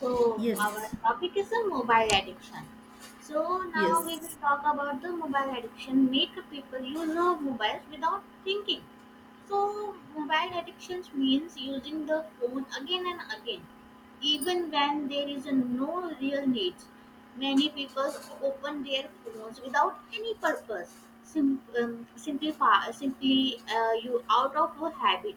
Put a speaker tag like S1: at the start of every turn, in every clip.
S1: So our
S2: Yes,
S1: topic is the mobile addiction. So now we will
S2: yes,
S1: talk about the mobile addiction. Make people use of mobiles without thinking. So mobile addictions means using the phone again and again, even when there is no real need. Many people open their phones without any purpose, simply you out of a habit.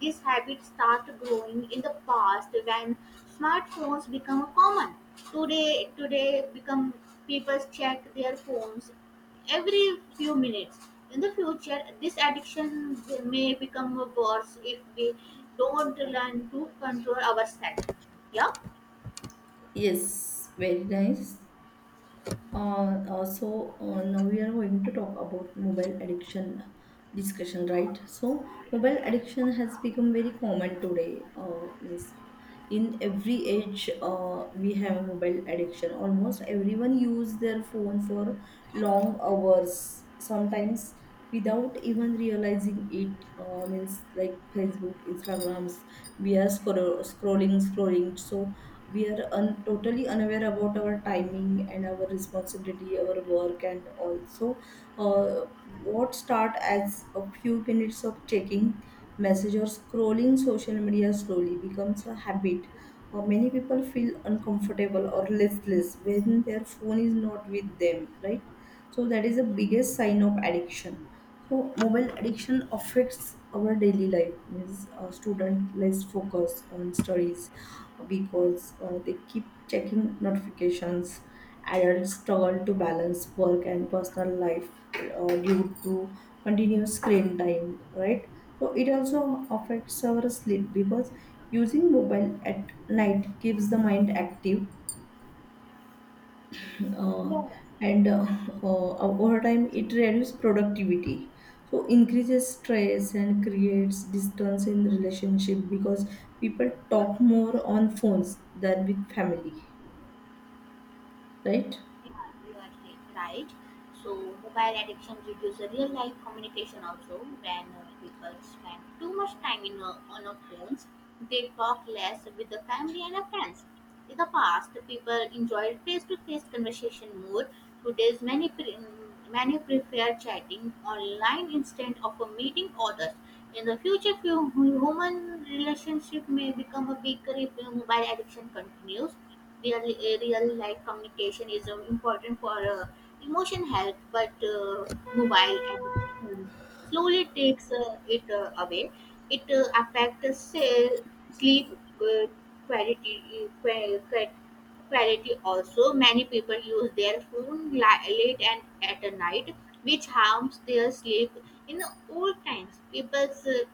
S1: This habit starts growing in the past when smartphones become common. Today become people check their phones every few minutes. In the future, this addiction may become worse if we don't learn to control ourselves. Yeah.
S2: yes, very nice. Also, now we are going to talk about mobile addiction discussion, right? So, mobile addiction has become very common today. Means in every age we have mobile addiction, almost everyone use their phone for long hours sometimes without even realizing it, means like Facebook, Instagrams, we are scrolling, so we are totally unaware about our timing and our responsibility, our work, and also uh, what start as a few minutes of checking message or scrolling social media slowly becomes a habit. Many people feel uncomfortable or listless when their phone is not with them, right? So that is the biggest sign of addiction. So mobile addiction affects our daily life. Means a student less focus on studies because they keep checking notifications. Adults struggle to balance work and personal life due to continuous screen time, right? So it also affects our sleep because using mobile at night keeps the mind active, uh,
S1: Yeah.
S2: and over time it reduces productivity. So increases stress and creates distance in relationship because people talk more on phones than with family, right?
S1: Yeah, you are right. Right. So mobile addiction reduces real life communication also. When people spend too much time in on a phones, they talk less with the family and their friends. In the past, people enjoyed face-to-face conversation more. Today's many prefer chatting online instead of a meeting others. In the future, few human relationship may become a bigger if mobile addiction continues. Real real life communication is important for emotion health, but mobile addiction slowly takes it away. It affects cell sleep uh, quality uh, qua- qua- quality also. Many people use their phone late and at night, which harms their sleep. In old times people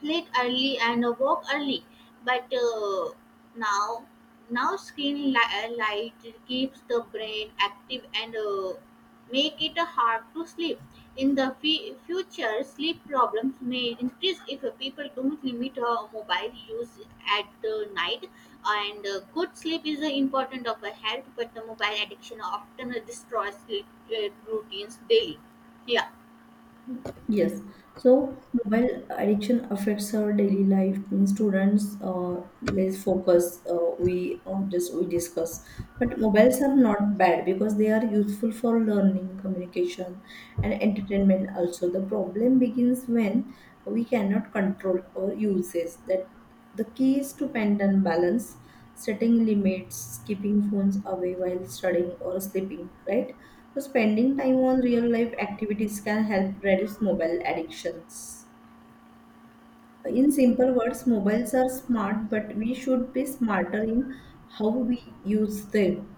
S1: sleep early and woke early, but now now screen light keeps the brain active and make it hard to sleep. In the future sleep problems may increase if people don't limit mobile use at night, and good sleep is important of a health, but the mobile addiction often destroys sleep routines daily. Yeah.
S2: Yes. So mobile addiction affects our daily life. Means students, let's focus. We just we discuss. But mobiles are not bad because they are useful for learning, communication, and entertainment. Also, the problem begins when we cannot control our uses. That the key is to maintain balance, setting limits, keeping phones away while studying or sleeping, right? So, spending time on real life activities can help reduce mobile addictions. In simple words, mobiles are smart, but we should be smarter in how we use them.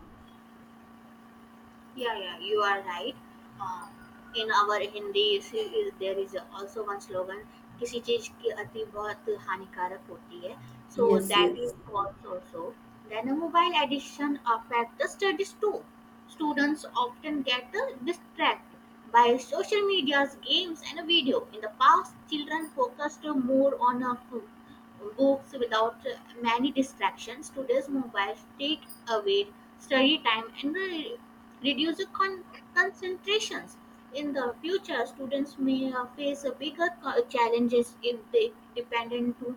S1: Yeah, yeah, you are right. Uh, in our Hindi series, there is also one slogan, किसी चीज की अति बहुत हानिकारक होती है. So
S2: Yes,
S1: that is
S2: yes.
S1: false also. Then a mobile addiction affects the studies too. Students often get distracted by social media's games and video. In the past, children focused more on books without many distractions. Today's mobiles take away study time and reduced concentrations. In the future, students may face a bigger challenges if they dependent too,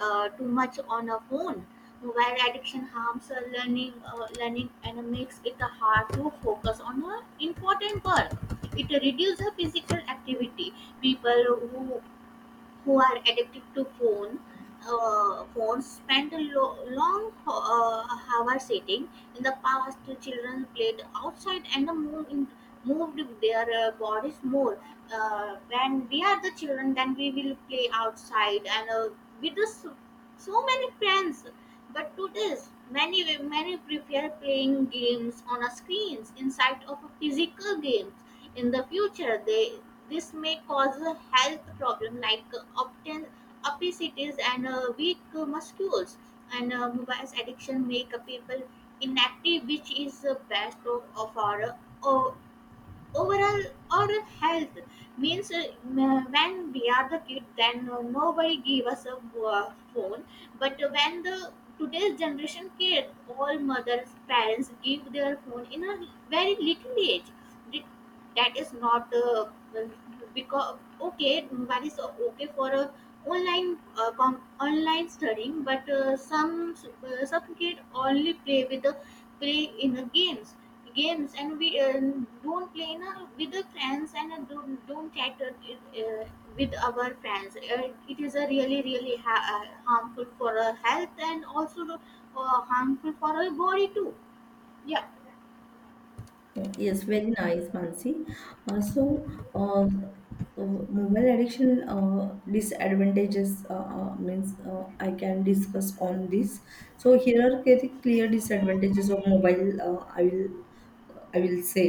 S1: uh, too much on a phone. Mobile addiction harms learning and makes it hard to focus on important work. It reduces physical activity. People who who are addicted to phones spend long hours sitting. In the past, the children played outside and moved their bodies more. When we are the children, then we will play outside and with so many friends. But today, many prefer playing games on a screens inside of a physical game. In the future, they this may cause a health problem like obesities and weak muscles. And mobile addiction make people inactive, which is the best of our uh, overall oral health. Means when we are the kid, then nobody gave us a phone, but when the today's generation kid all mothers parents give their phone in a very little age. Th- that is not because okay, that is okay for a online online studying, but some kid only play with the play in the games games, and we don't play na, with the friends and don't chat uh, with our friends. Uh, it is a really harmful for our health and also harmful for our body too. Yeah.
S2: Yes, very nice, Mansi. Uh, so, uh, Mobile addiction disadvantages, means I can discuss on this. So here are the clear disadvantages of mobile. I will say.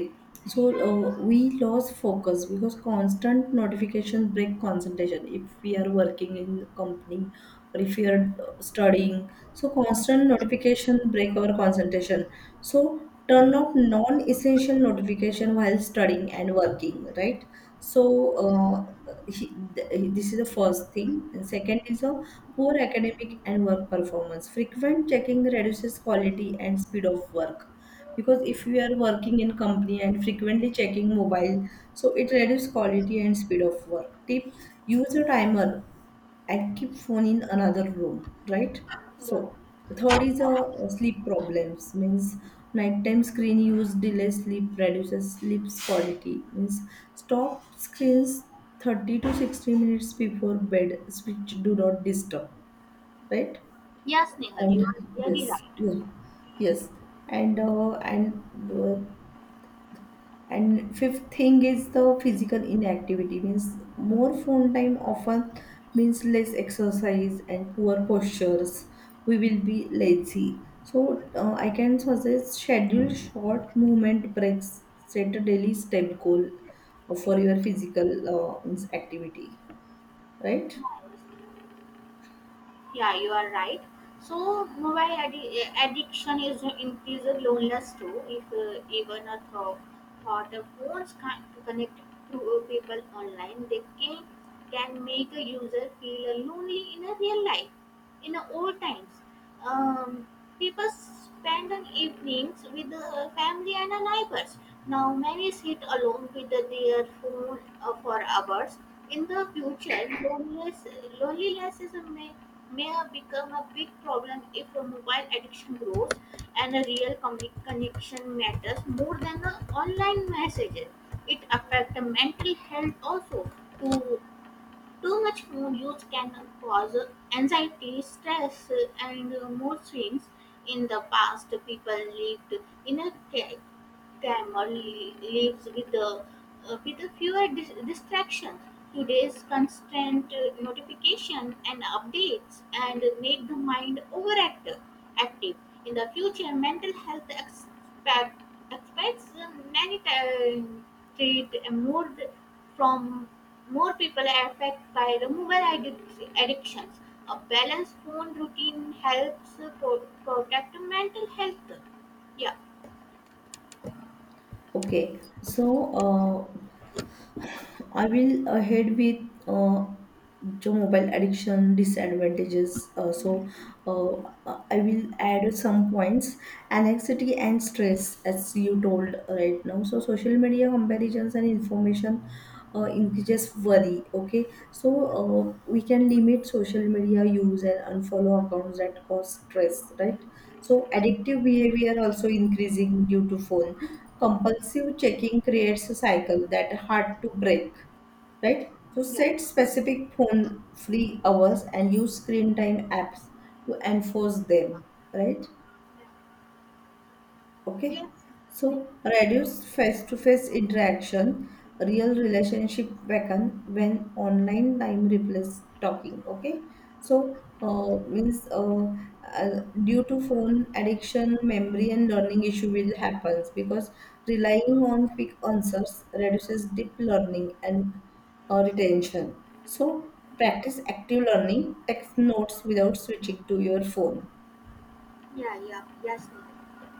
S2: So we lose focus because constant notifications break concentration. If we are working in company or if we are studying, so constant notification break our concentration. So turn off non-essential notification while studying and working, right? So this is the first thing. And second is a poor academic and work performance. Frequent checking reduces quality and speed of work, because if you are working in company and frequently checking mobile, so it reduces quality and speed of work. Tip: use a timer, I keep phone in another room, right?
S1: Yeah.
S2: So third is a sleep problems, means nighttime screen use delays sleep, reduces sleep quality, means stop screens 30 to 60 minutes before bed, switch do not disturb, right?
S1: Yes, Nehal,
S2: And
S1: you are
S2: yes,
S1: very right.
S2: yeah, yes, and uh, and uh, and fifth thing is the physical inactivity, means more phone time often means less exercise and poor postures. We will be lazy. So I can suggest schedule short movement breaks. Set a daily step goal for your physical means activity. Right?
S1: Yeah, I was Yeah, you are right. So mobile addiction is increases loneliness too. If even a thought of phones can to connect to people online, they can make a user feel lonely in a real life. In a old times, um, people spend an evenings with the family and the neighbors. Now many sit alone with their phone for hours. In the future, loneliness may become a big problem if a mobile addiction grows, and a real connection matters more than the online messages. It affects the mental health also. Too, Too much phone use can cause anxiety, stress, and mood swings. In the past, people lived in a Grandma lives with a fewer distractions. Today's constant notification and updates and make the mind overactive. Active In the future, mental health expects many times treat more th- from more people affected by the mobile addictions. A balanced phone routine helps protect mental health. Yeah.
S2: Okay. So I will head with uh, जो mobile addiction disadvantages. I will add some points. Anxiety and stress, as you told right now. So social media comparisons and information increases worry. Okay, so we can limit social media use and unfollow accounts that cause stress. Right. So addictive behavior also increasing due to phone, compulsive checking creates a cycle that hard to break, right? So
S1: Yeah.
S2: set specific phone free hours and use screen time apps to enforce them, right? Okay,
S1: Yes,
S2: so reduce face-to-face interaction, real relationship weaken when online time replace talking. Okay, so means due to phone addiction, memory and learning issue will happens because relying on quick answers reduces deep learning and retention. So practice active learning, text notes without switching to your phone.
S1: yeah, yeah, yes, Neha,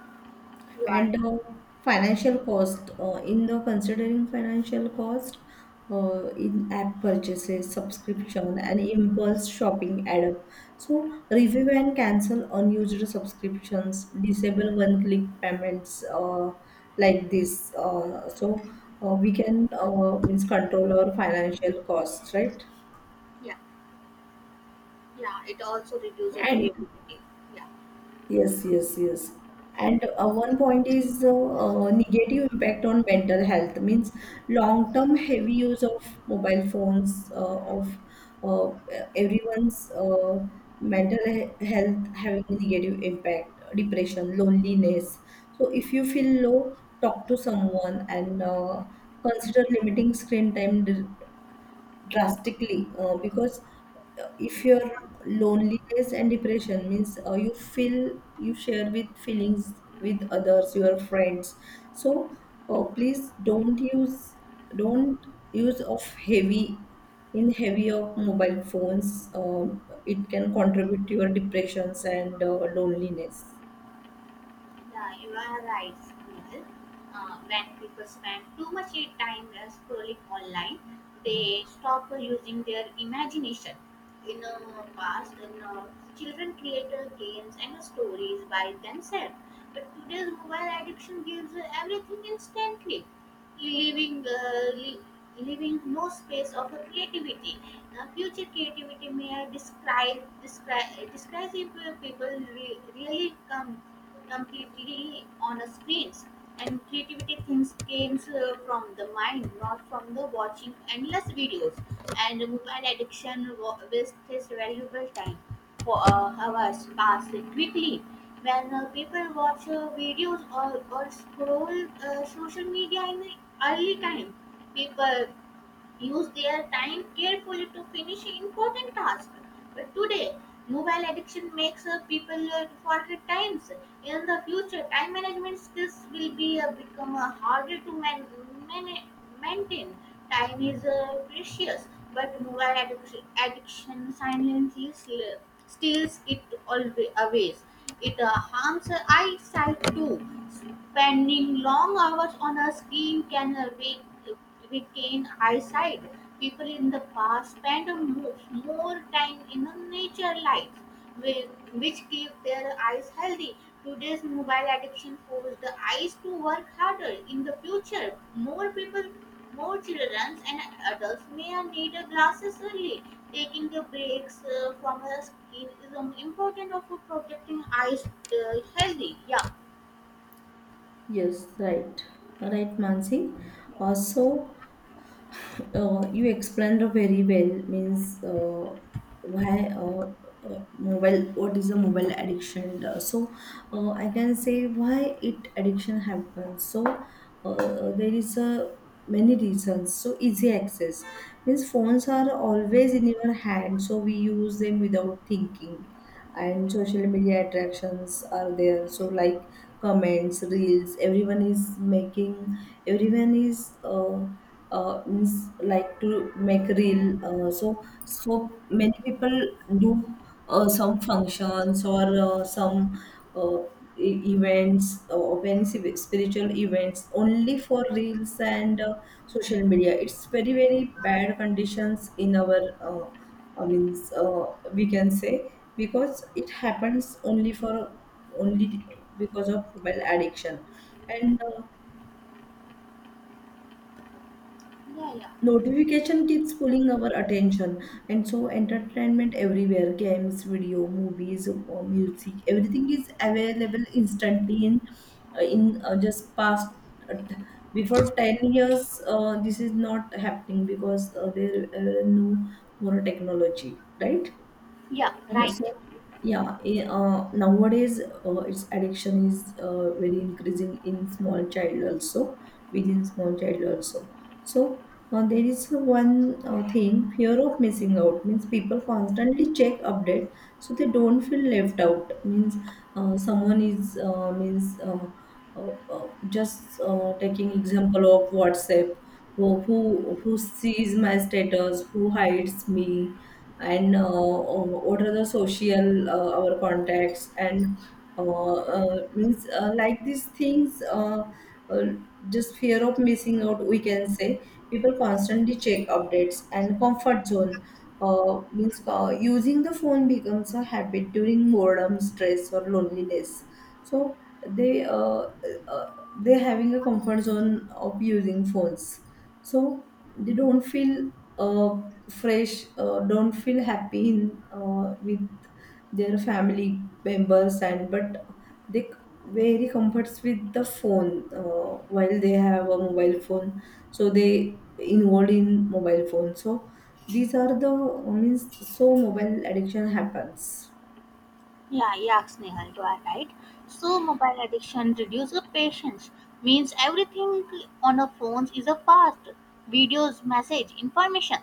S1: you are
S2: And
S1: right.
S2: financial cost, in the considering financial cost, in app purchases, subscription, and impulse shopping add up. So review and cancel unused subscriptions, disable one-click payments, like this. We can means control our financial costs, right?
S1: Yeah, yeah, it also reduces
S2: And
S1: creativity. Yeah.
S2: yes, yes, yes. And one point is negative impact on mental health, means long-term heavy use of mobile phones of uh, everyone's health having a negative impact, depression, loneliness. So if you feel low, talk to someone and consider limiting screen time drastically, because if your loneliness and depression means you feel you share with feelings with others, your friends, so please don't use, don't use of heavy, in heavy of mobile phones, it can contribute to your depressions and loneliness.
S1: Yeah, you are right, Nihal. When people spend too much time scrolling online, they stop using their imagination. In past, children create games and stories by themselves. But today's mobile addiction gives everything instantly, leaving uh, le- leaving no space of a creativity. Future creativity may I describe if people really come completely on a screens, and creativity things comes from the mind, not from the watching endless videos. And mobile addiction wastes valuable time, for hours pass quickly when people watch videos or scroll social media. In the early time people use their time carefully to finish important tasks, but today mobile addiction makes people forget times. In the future time management skills will be become harder to man- maintain. Time is precious, but mobile addiction silently steals it always away. It harms our eyesight too. Spending long hours on a screen can weaken eyesight. People in the past spend more time in the nature lights, whi- which keep their eyes healthy. Today's mobile addiction forces the eyes to work harder. In the future, more people, more children and adults may need glasses early. Taking the breaks from the screen is important of protecting eyes healthy. Yeah.
S2: Yes, right, right, Mansi. Also you explained very well, means why mobile, what is a mobile addiction. I can say why it addiction happens. So there is a many reasons, so easy access means phones are always in your hand, so we use them without thinking. And social media attractions are there, so like comments, reels, everyone is making, everyone is means like to make reel, so so many people do some functions or some uh, events, or any spiritual events only for reels. And social media, it's very very bad conditions in our uh, I means, we can say, because it happens only for, only because of mobile addiction. And
S1: Yeah, yeah,
S2: notification keeps pulling our attention. And so entertainment everywhere, games, video, movies, music, everything is available instantly in, just past, uh, t- before 10 years this is not happening because there no more technology, right?
S1: yeah.
S2: So
S1: Right.
S2: yeah, nowadays its addiction is very increasing in small child also, within small child also. So there is one thing, fear of missing out, means people constantly check update, so they don't feel left out, means someone is means just taking example of WhatsApp, who sees my status, who hides me, and what are the social, our contacts, and means like these things, uh, just fear of missing out, we can say people constantly check updates, and comfort zone means using the phone becomes a habit during boredom, stress, or loneliness, so they uh, they're having a comfort zone of using phones, so they don't feel uh, fresh, don't feel happy in, with their family members, and but they very comforts with the phone while they have a mobile phone, so they involved in mobile phone. So these are the means so mobile addiction happens.
S1: Yeah, yeah, Snehal, you are right. So mobile addiction reduces patience, means everything on our phones is a fast. Videos, message, information.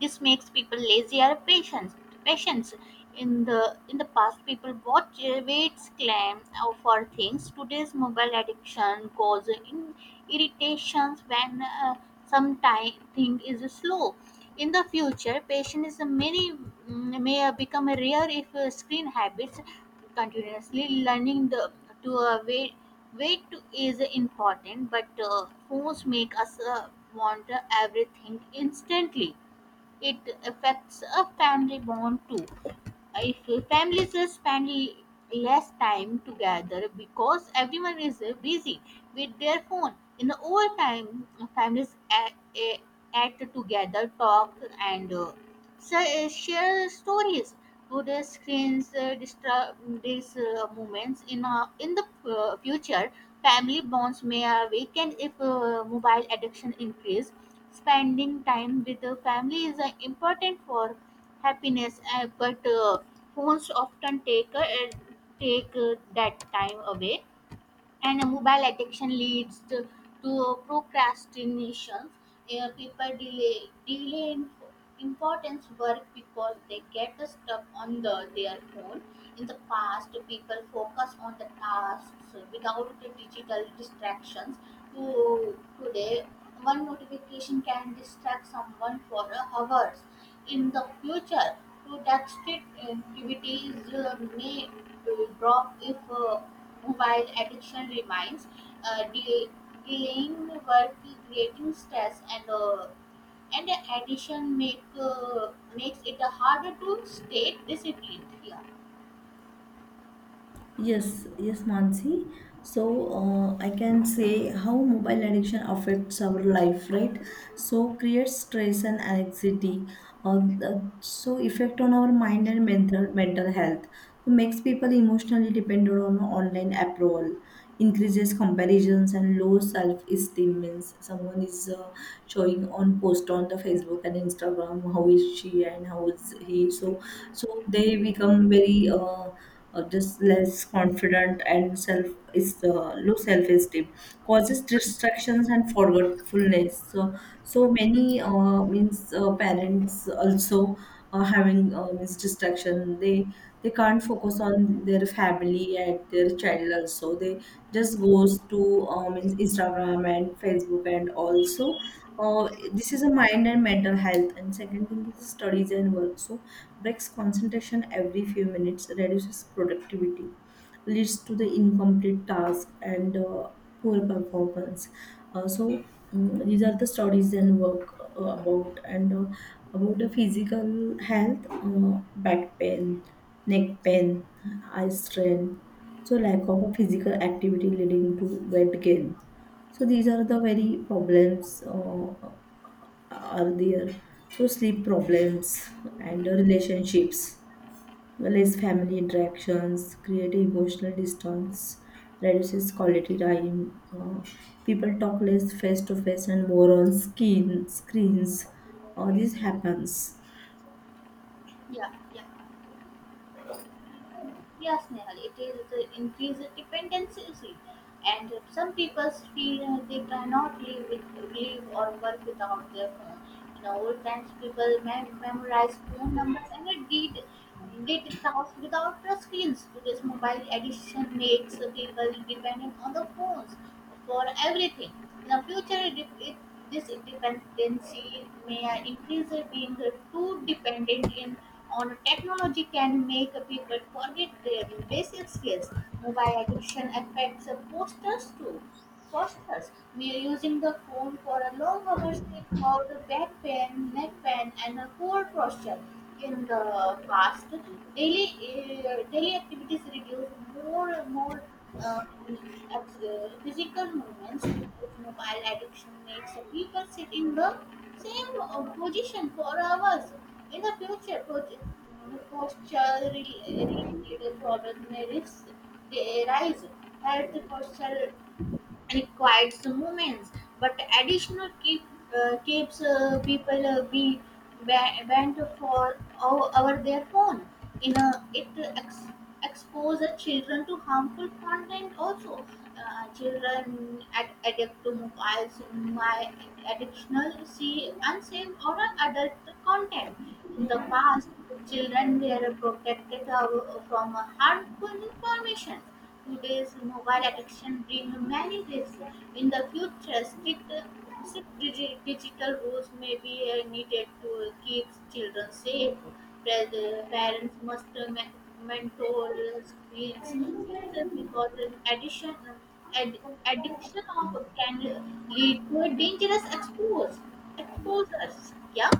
S1: This makes people lazy or patient. Patience. In the past, people watch waits claim for things. Today's mobile addiction causes in irritations when some time thing is slow. In the future, may become rare if screen habits continuously learning to wait to is important, but phones make us want everything instantly. It affects a family bond too if families spend less time together because everyone is busy with their phone. In the old time families act together, talk and share stories. Today screens disturb these moments in the future family bonds may weaken if mobile addiction increase. Spending time with the family is important for happiness, but phones often take that time away, and mobile addiction leads to procrastination. People delay important work because they get stuck on their phone. In the past, people focus on the tasks without the digital distractions. To Today, one notification can distract someone for hours. In the future, productivities may drop if mobile addiction remains, uh, de- delaying work, creating stress, and and addiction makes it harder to stay disciplined. Yeah.
S2: Yes, yes, Mansi. So I can say how mobile addiction affects our life, right? So creates stress and anxiety. Effect on our mind and mental health. So makes people emotionally dependent on online approval. Increases comparisons and low self esteem, means someone is showing on post on the Facebook and Instagram, how is she and how is he. So so they become very or just less confident and self is low self esteem, causes distractions and forgetfulness. So so many means parents also having means distraction, they can't focus on their family and their child, also they just goes to means Instagram and Facebook. And also this is a mind and mental health. And second thing is studies and work, so breaks concentration every few minutes, reduces productivity, leads to the incomplete task and poor performance. Uh, so these are the studies and work about the physical health, back pain, neck pain, eye strain. So lack of a physical activity leading to weight gain. So these are the very problems are there. So sleep problems and relationships, less family interactions create emotional distance, reduces quality time, uh, people talk less face to face and more on skin screens, all this happens.
S1: Yeah, yeah. Yes, Nehal, it is the increased dependency, and some people feel they cannot live with live or work without their phone. In old times, people memorized phone numbers and they did tasks without the screens. Today's mobile addiction makes people dependent on the phones for everything. In the future, this dependency may increase. Being too dependent on technology can make people forget their basic skills. Mobile addiction affects posters too. Postures. We are using the phone for a long hours. It called the back pain, neck pain, and a poor posture. In the past, daily activities reduce more and more physical movements. To Mobile addiction makes the people sit in the same position for hours. In the future, posture related problems may they rise. Health posture requires moments, but additional keeps people be banned for over their phone. It ex- exposes children to harmful content also. Children addict to mobiles my additional see unsafe or adult content. In the past, children were protected from harmful information. Today's mobile addiction brings many risks. In the future, strict digital rules may be needed to keep children safe. Rather, parents must mentor screens users because addiction, ad, addiction of can lead to a dangerous exposures. Yeah.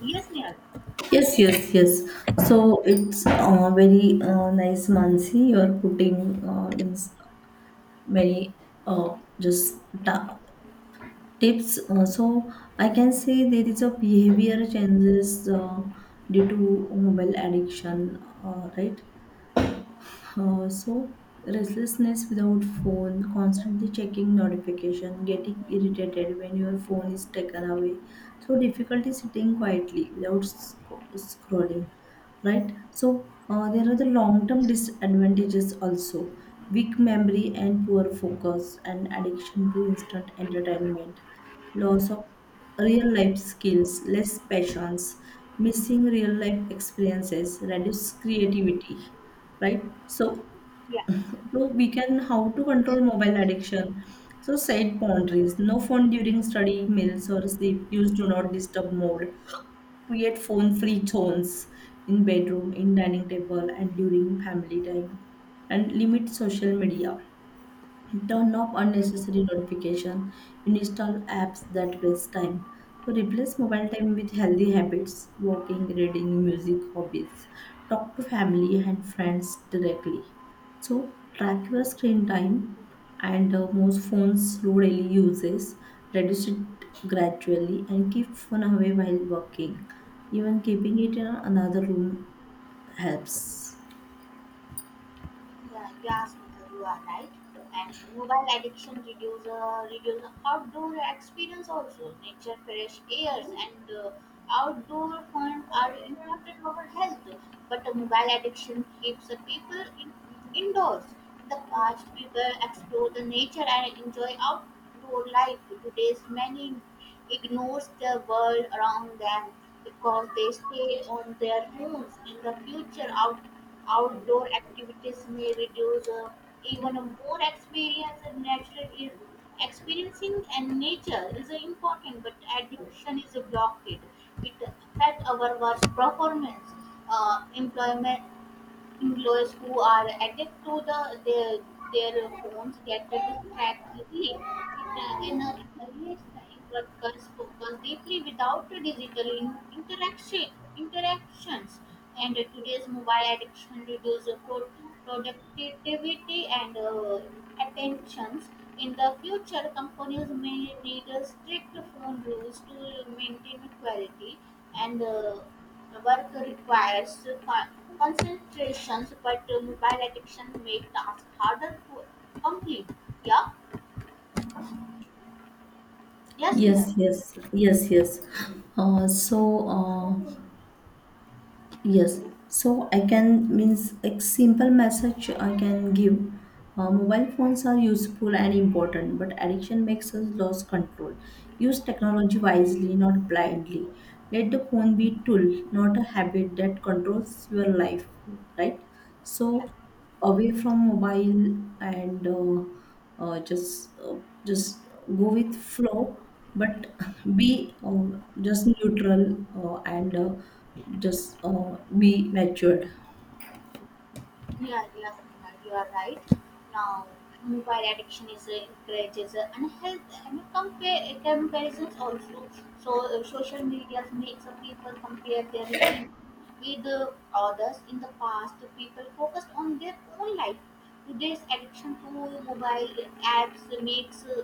S1: Yes, Neil.
S2: Yes, yes, yes. So it's very nice, Mansi, you are putting means many, uh, just ta- tips. So I can say there is a behavior changes due to mobile addiction, right? So restlessness without phone, constantly checking notification, getting irritated when your phone is taken away. So difficulty sitting quietly without scrolling, right? So there are the long-term disadvantages also. Weak memory and poor focus and addiction to instant entertainment, loss of real life skills, less passions, missing real life experiences, reduced creativity, right? So,
S1: Yeah,
S2: so we can how to control mobile addiction. So set boundaries. No phone during study, meals, or sleep. Use do not disturb mode. Create phone-free zones in bedroom, in dining table, and during family time. And limit social media. Turn off unnecessary notification, and install apps that waste time. So replace mobile time with healthy habits, walking, reading, music, hobbies. Talk to family and friends directly. So track your screen time, and most phones slow daily uses. Reduce it gradually and keep phone away while working. Even keeping it in another room helps.
S1: yeah, yeah, Smita, you are right. And mobile addiction reduce reduce outdoor experience also. Nature, fresh airs, and outdoor fun are important for our health. But the mobile addiction keeps the people indoors. In the past, people explore the nature and enjoy outdoor life. Today's many ignores the world around them because they stay on their phones. In the future, outdoor activities may reduce even more experience in natural is experiencing and nature is important but addiction is blocked it affects our work performance employment employees who are addicted to their, their phones get distracted easily. It in a creates time workers focus deeply without digital interactions. And today's mobile addiction reduces productivity and attentions. In the future, companies may need a strict phone rules to maintain quality and work requires concentration, but mobile addiction make tasks harder to complete. Yeah, yes, Nihar.
S2: Yes, yes, yes, yes. Uh, so, uh, Yes, so I can means a simple message I can give. Mobile phones are useful and important, but addiction makes us lose control. Use technology wisely, not blindly. Let the phone be tool, not a habit that controls your life. Right?
S1: Yeah,
S2: So away from mobile and uh, just uh, just go with flow, but be just neutral and just be matured.
S1: yeah, yes, Nihar. You are right. Now, mobile addiction is encourages unhealthy and compare comparisons also. So, social media makes people compare their living with others. In the past, people focused on their own life. Today's addiction to mobile apps makes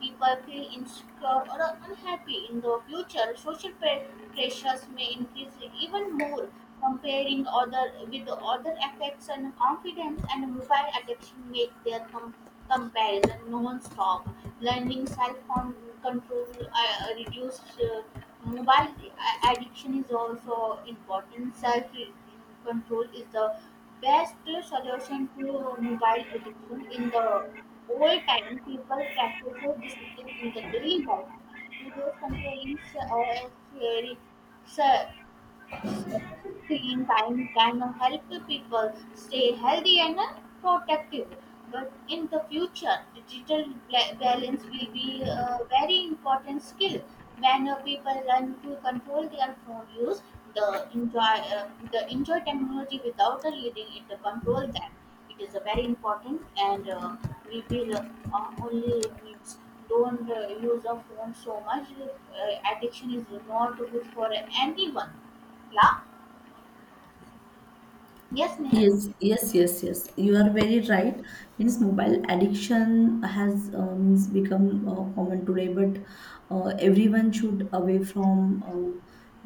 S1: people feel insecure or unhappy in the future, pressures may increase even more. Comparing other with other affects and confidence and mobile addiction make their comparison non-stop. Learning self-control reduce mobile addiction is also important. Self control is the best solution to mobile addiction. In the old time, people practiced discipline in the daily life. Today's controlling screen time can help the people stay healthy and protective. But in the future, balance will be a very important skill. When people learn to control their phone use, the enjoy technology without letting it control them. It is a very important, and we will only means don't use a phone so much. Addiction is not good for anyone. Yeah. Yes, Neha.
S2: Yes, yes, yes, yes. You are very right. Means mobile addiction has means become common today, but everyone should away from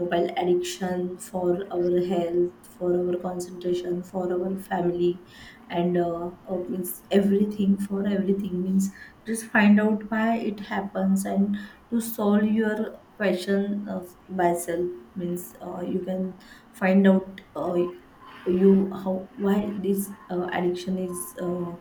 S2: mobile addiction for our health, for our concentration, for our family, and means everything for everything. Means just find out why it happens and to solve your question by self. Means you can find out. You how why this addiction is uh,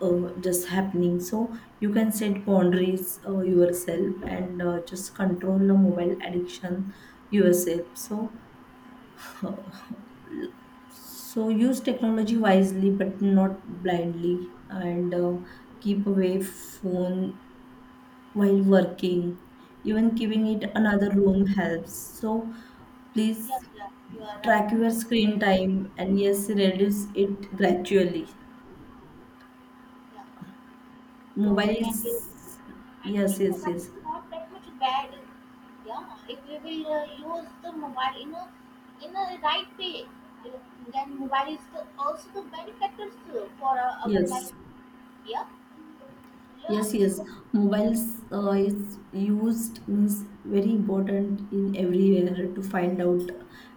S2: uh, just happening, so you can set boundaries yourself and just control the mobile addiction yourself. So uh, so use technology wisely but not blindly, and keep away phone while working, even keeping it another room helps. So
S1: Yeah,
S2: please
S1: yeah, you are right.
S2: track your screen
S1: Yeah,
S2: time, and yes, reduce it gradually.
S1: yeah. So when
S2: Mobiles,
S1: we, I
S2: yes,
S1: think
S2: yes,
S1: mobile
S2: yes,
S1: is not that much bad. Yeah, if we will use the mobile in a right way, uh, then mobile is the, also the benefactors for our life.
S2: yes,
S1: Yeah, yeah.
S2: yes, yes.
S1: So
S2: Mobiles is used, means very important in everywhere to find out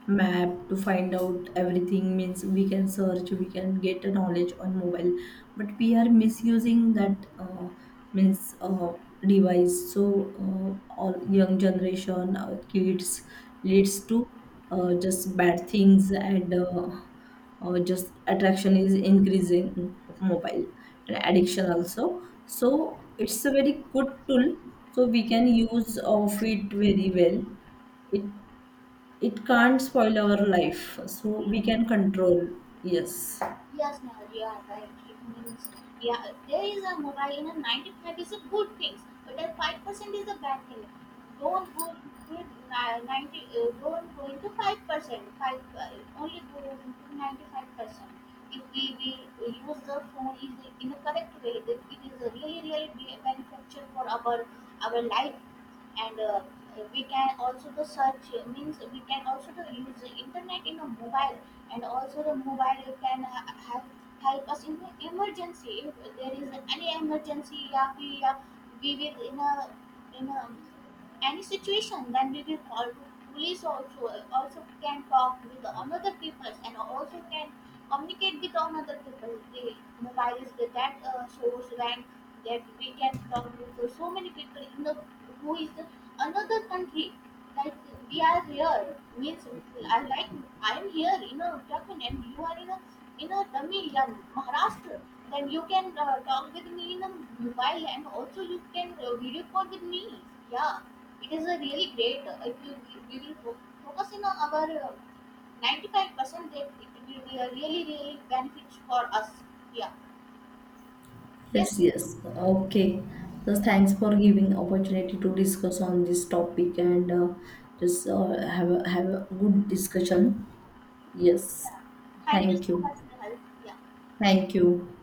S2: map, to find out everything, means we can search, we can get a knowledge on mobile, but we are misusing that means device. So all young generation, kids leads to just bad things and. Or just attraction is increasing of mobile and addiction also, so it's a very good tool, so we can use of it very well, it it
S1: yes,
S2: can't spoil our life, so
S1: yeah.
S2: we can control. Yes,
S1: Yes, no, you are right. It means, yeah, there is a mobile in a 95 is a good thing, but a 5% is a bad thing. Don't go with 90, don't go into 5%, 5, only go into 95%. If we will use the phone is in the correct way, then it is a really, really beneficial for our life and we can also the search means we can also the use the internet in a mobile and also the mobile can help help us in the emergency if there is any emergency, yeah, yeah, we will in a any situation then we will call to police also also can talk with another people and also can communicate with another people the mobile is the that source when that we can talk with so many people in the who is the, another country like we are here means I like I am here in a Uttarakhand and you are in a Tamil, yeah, Maharashtra then you can talk with me in a mobile and also you can video call with me, yeah. It is a really great if you we will focus in on our 95% that it will be a really really benefit for us. Yeah, yes.
S2: yes, yes, okay, so thanks for giving opportunity to discuss on this topic, and just have a good discussion. Yes,
S1: Yeah. Thank you
S2: thank
S1: so
S2: you,
S1: much, Nehal. Yeah.
S2: thank you.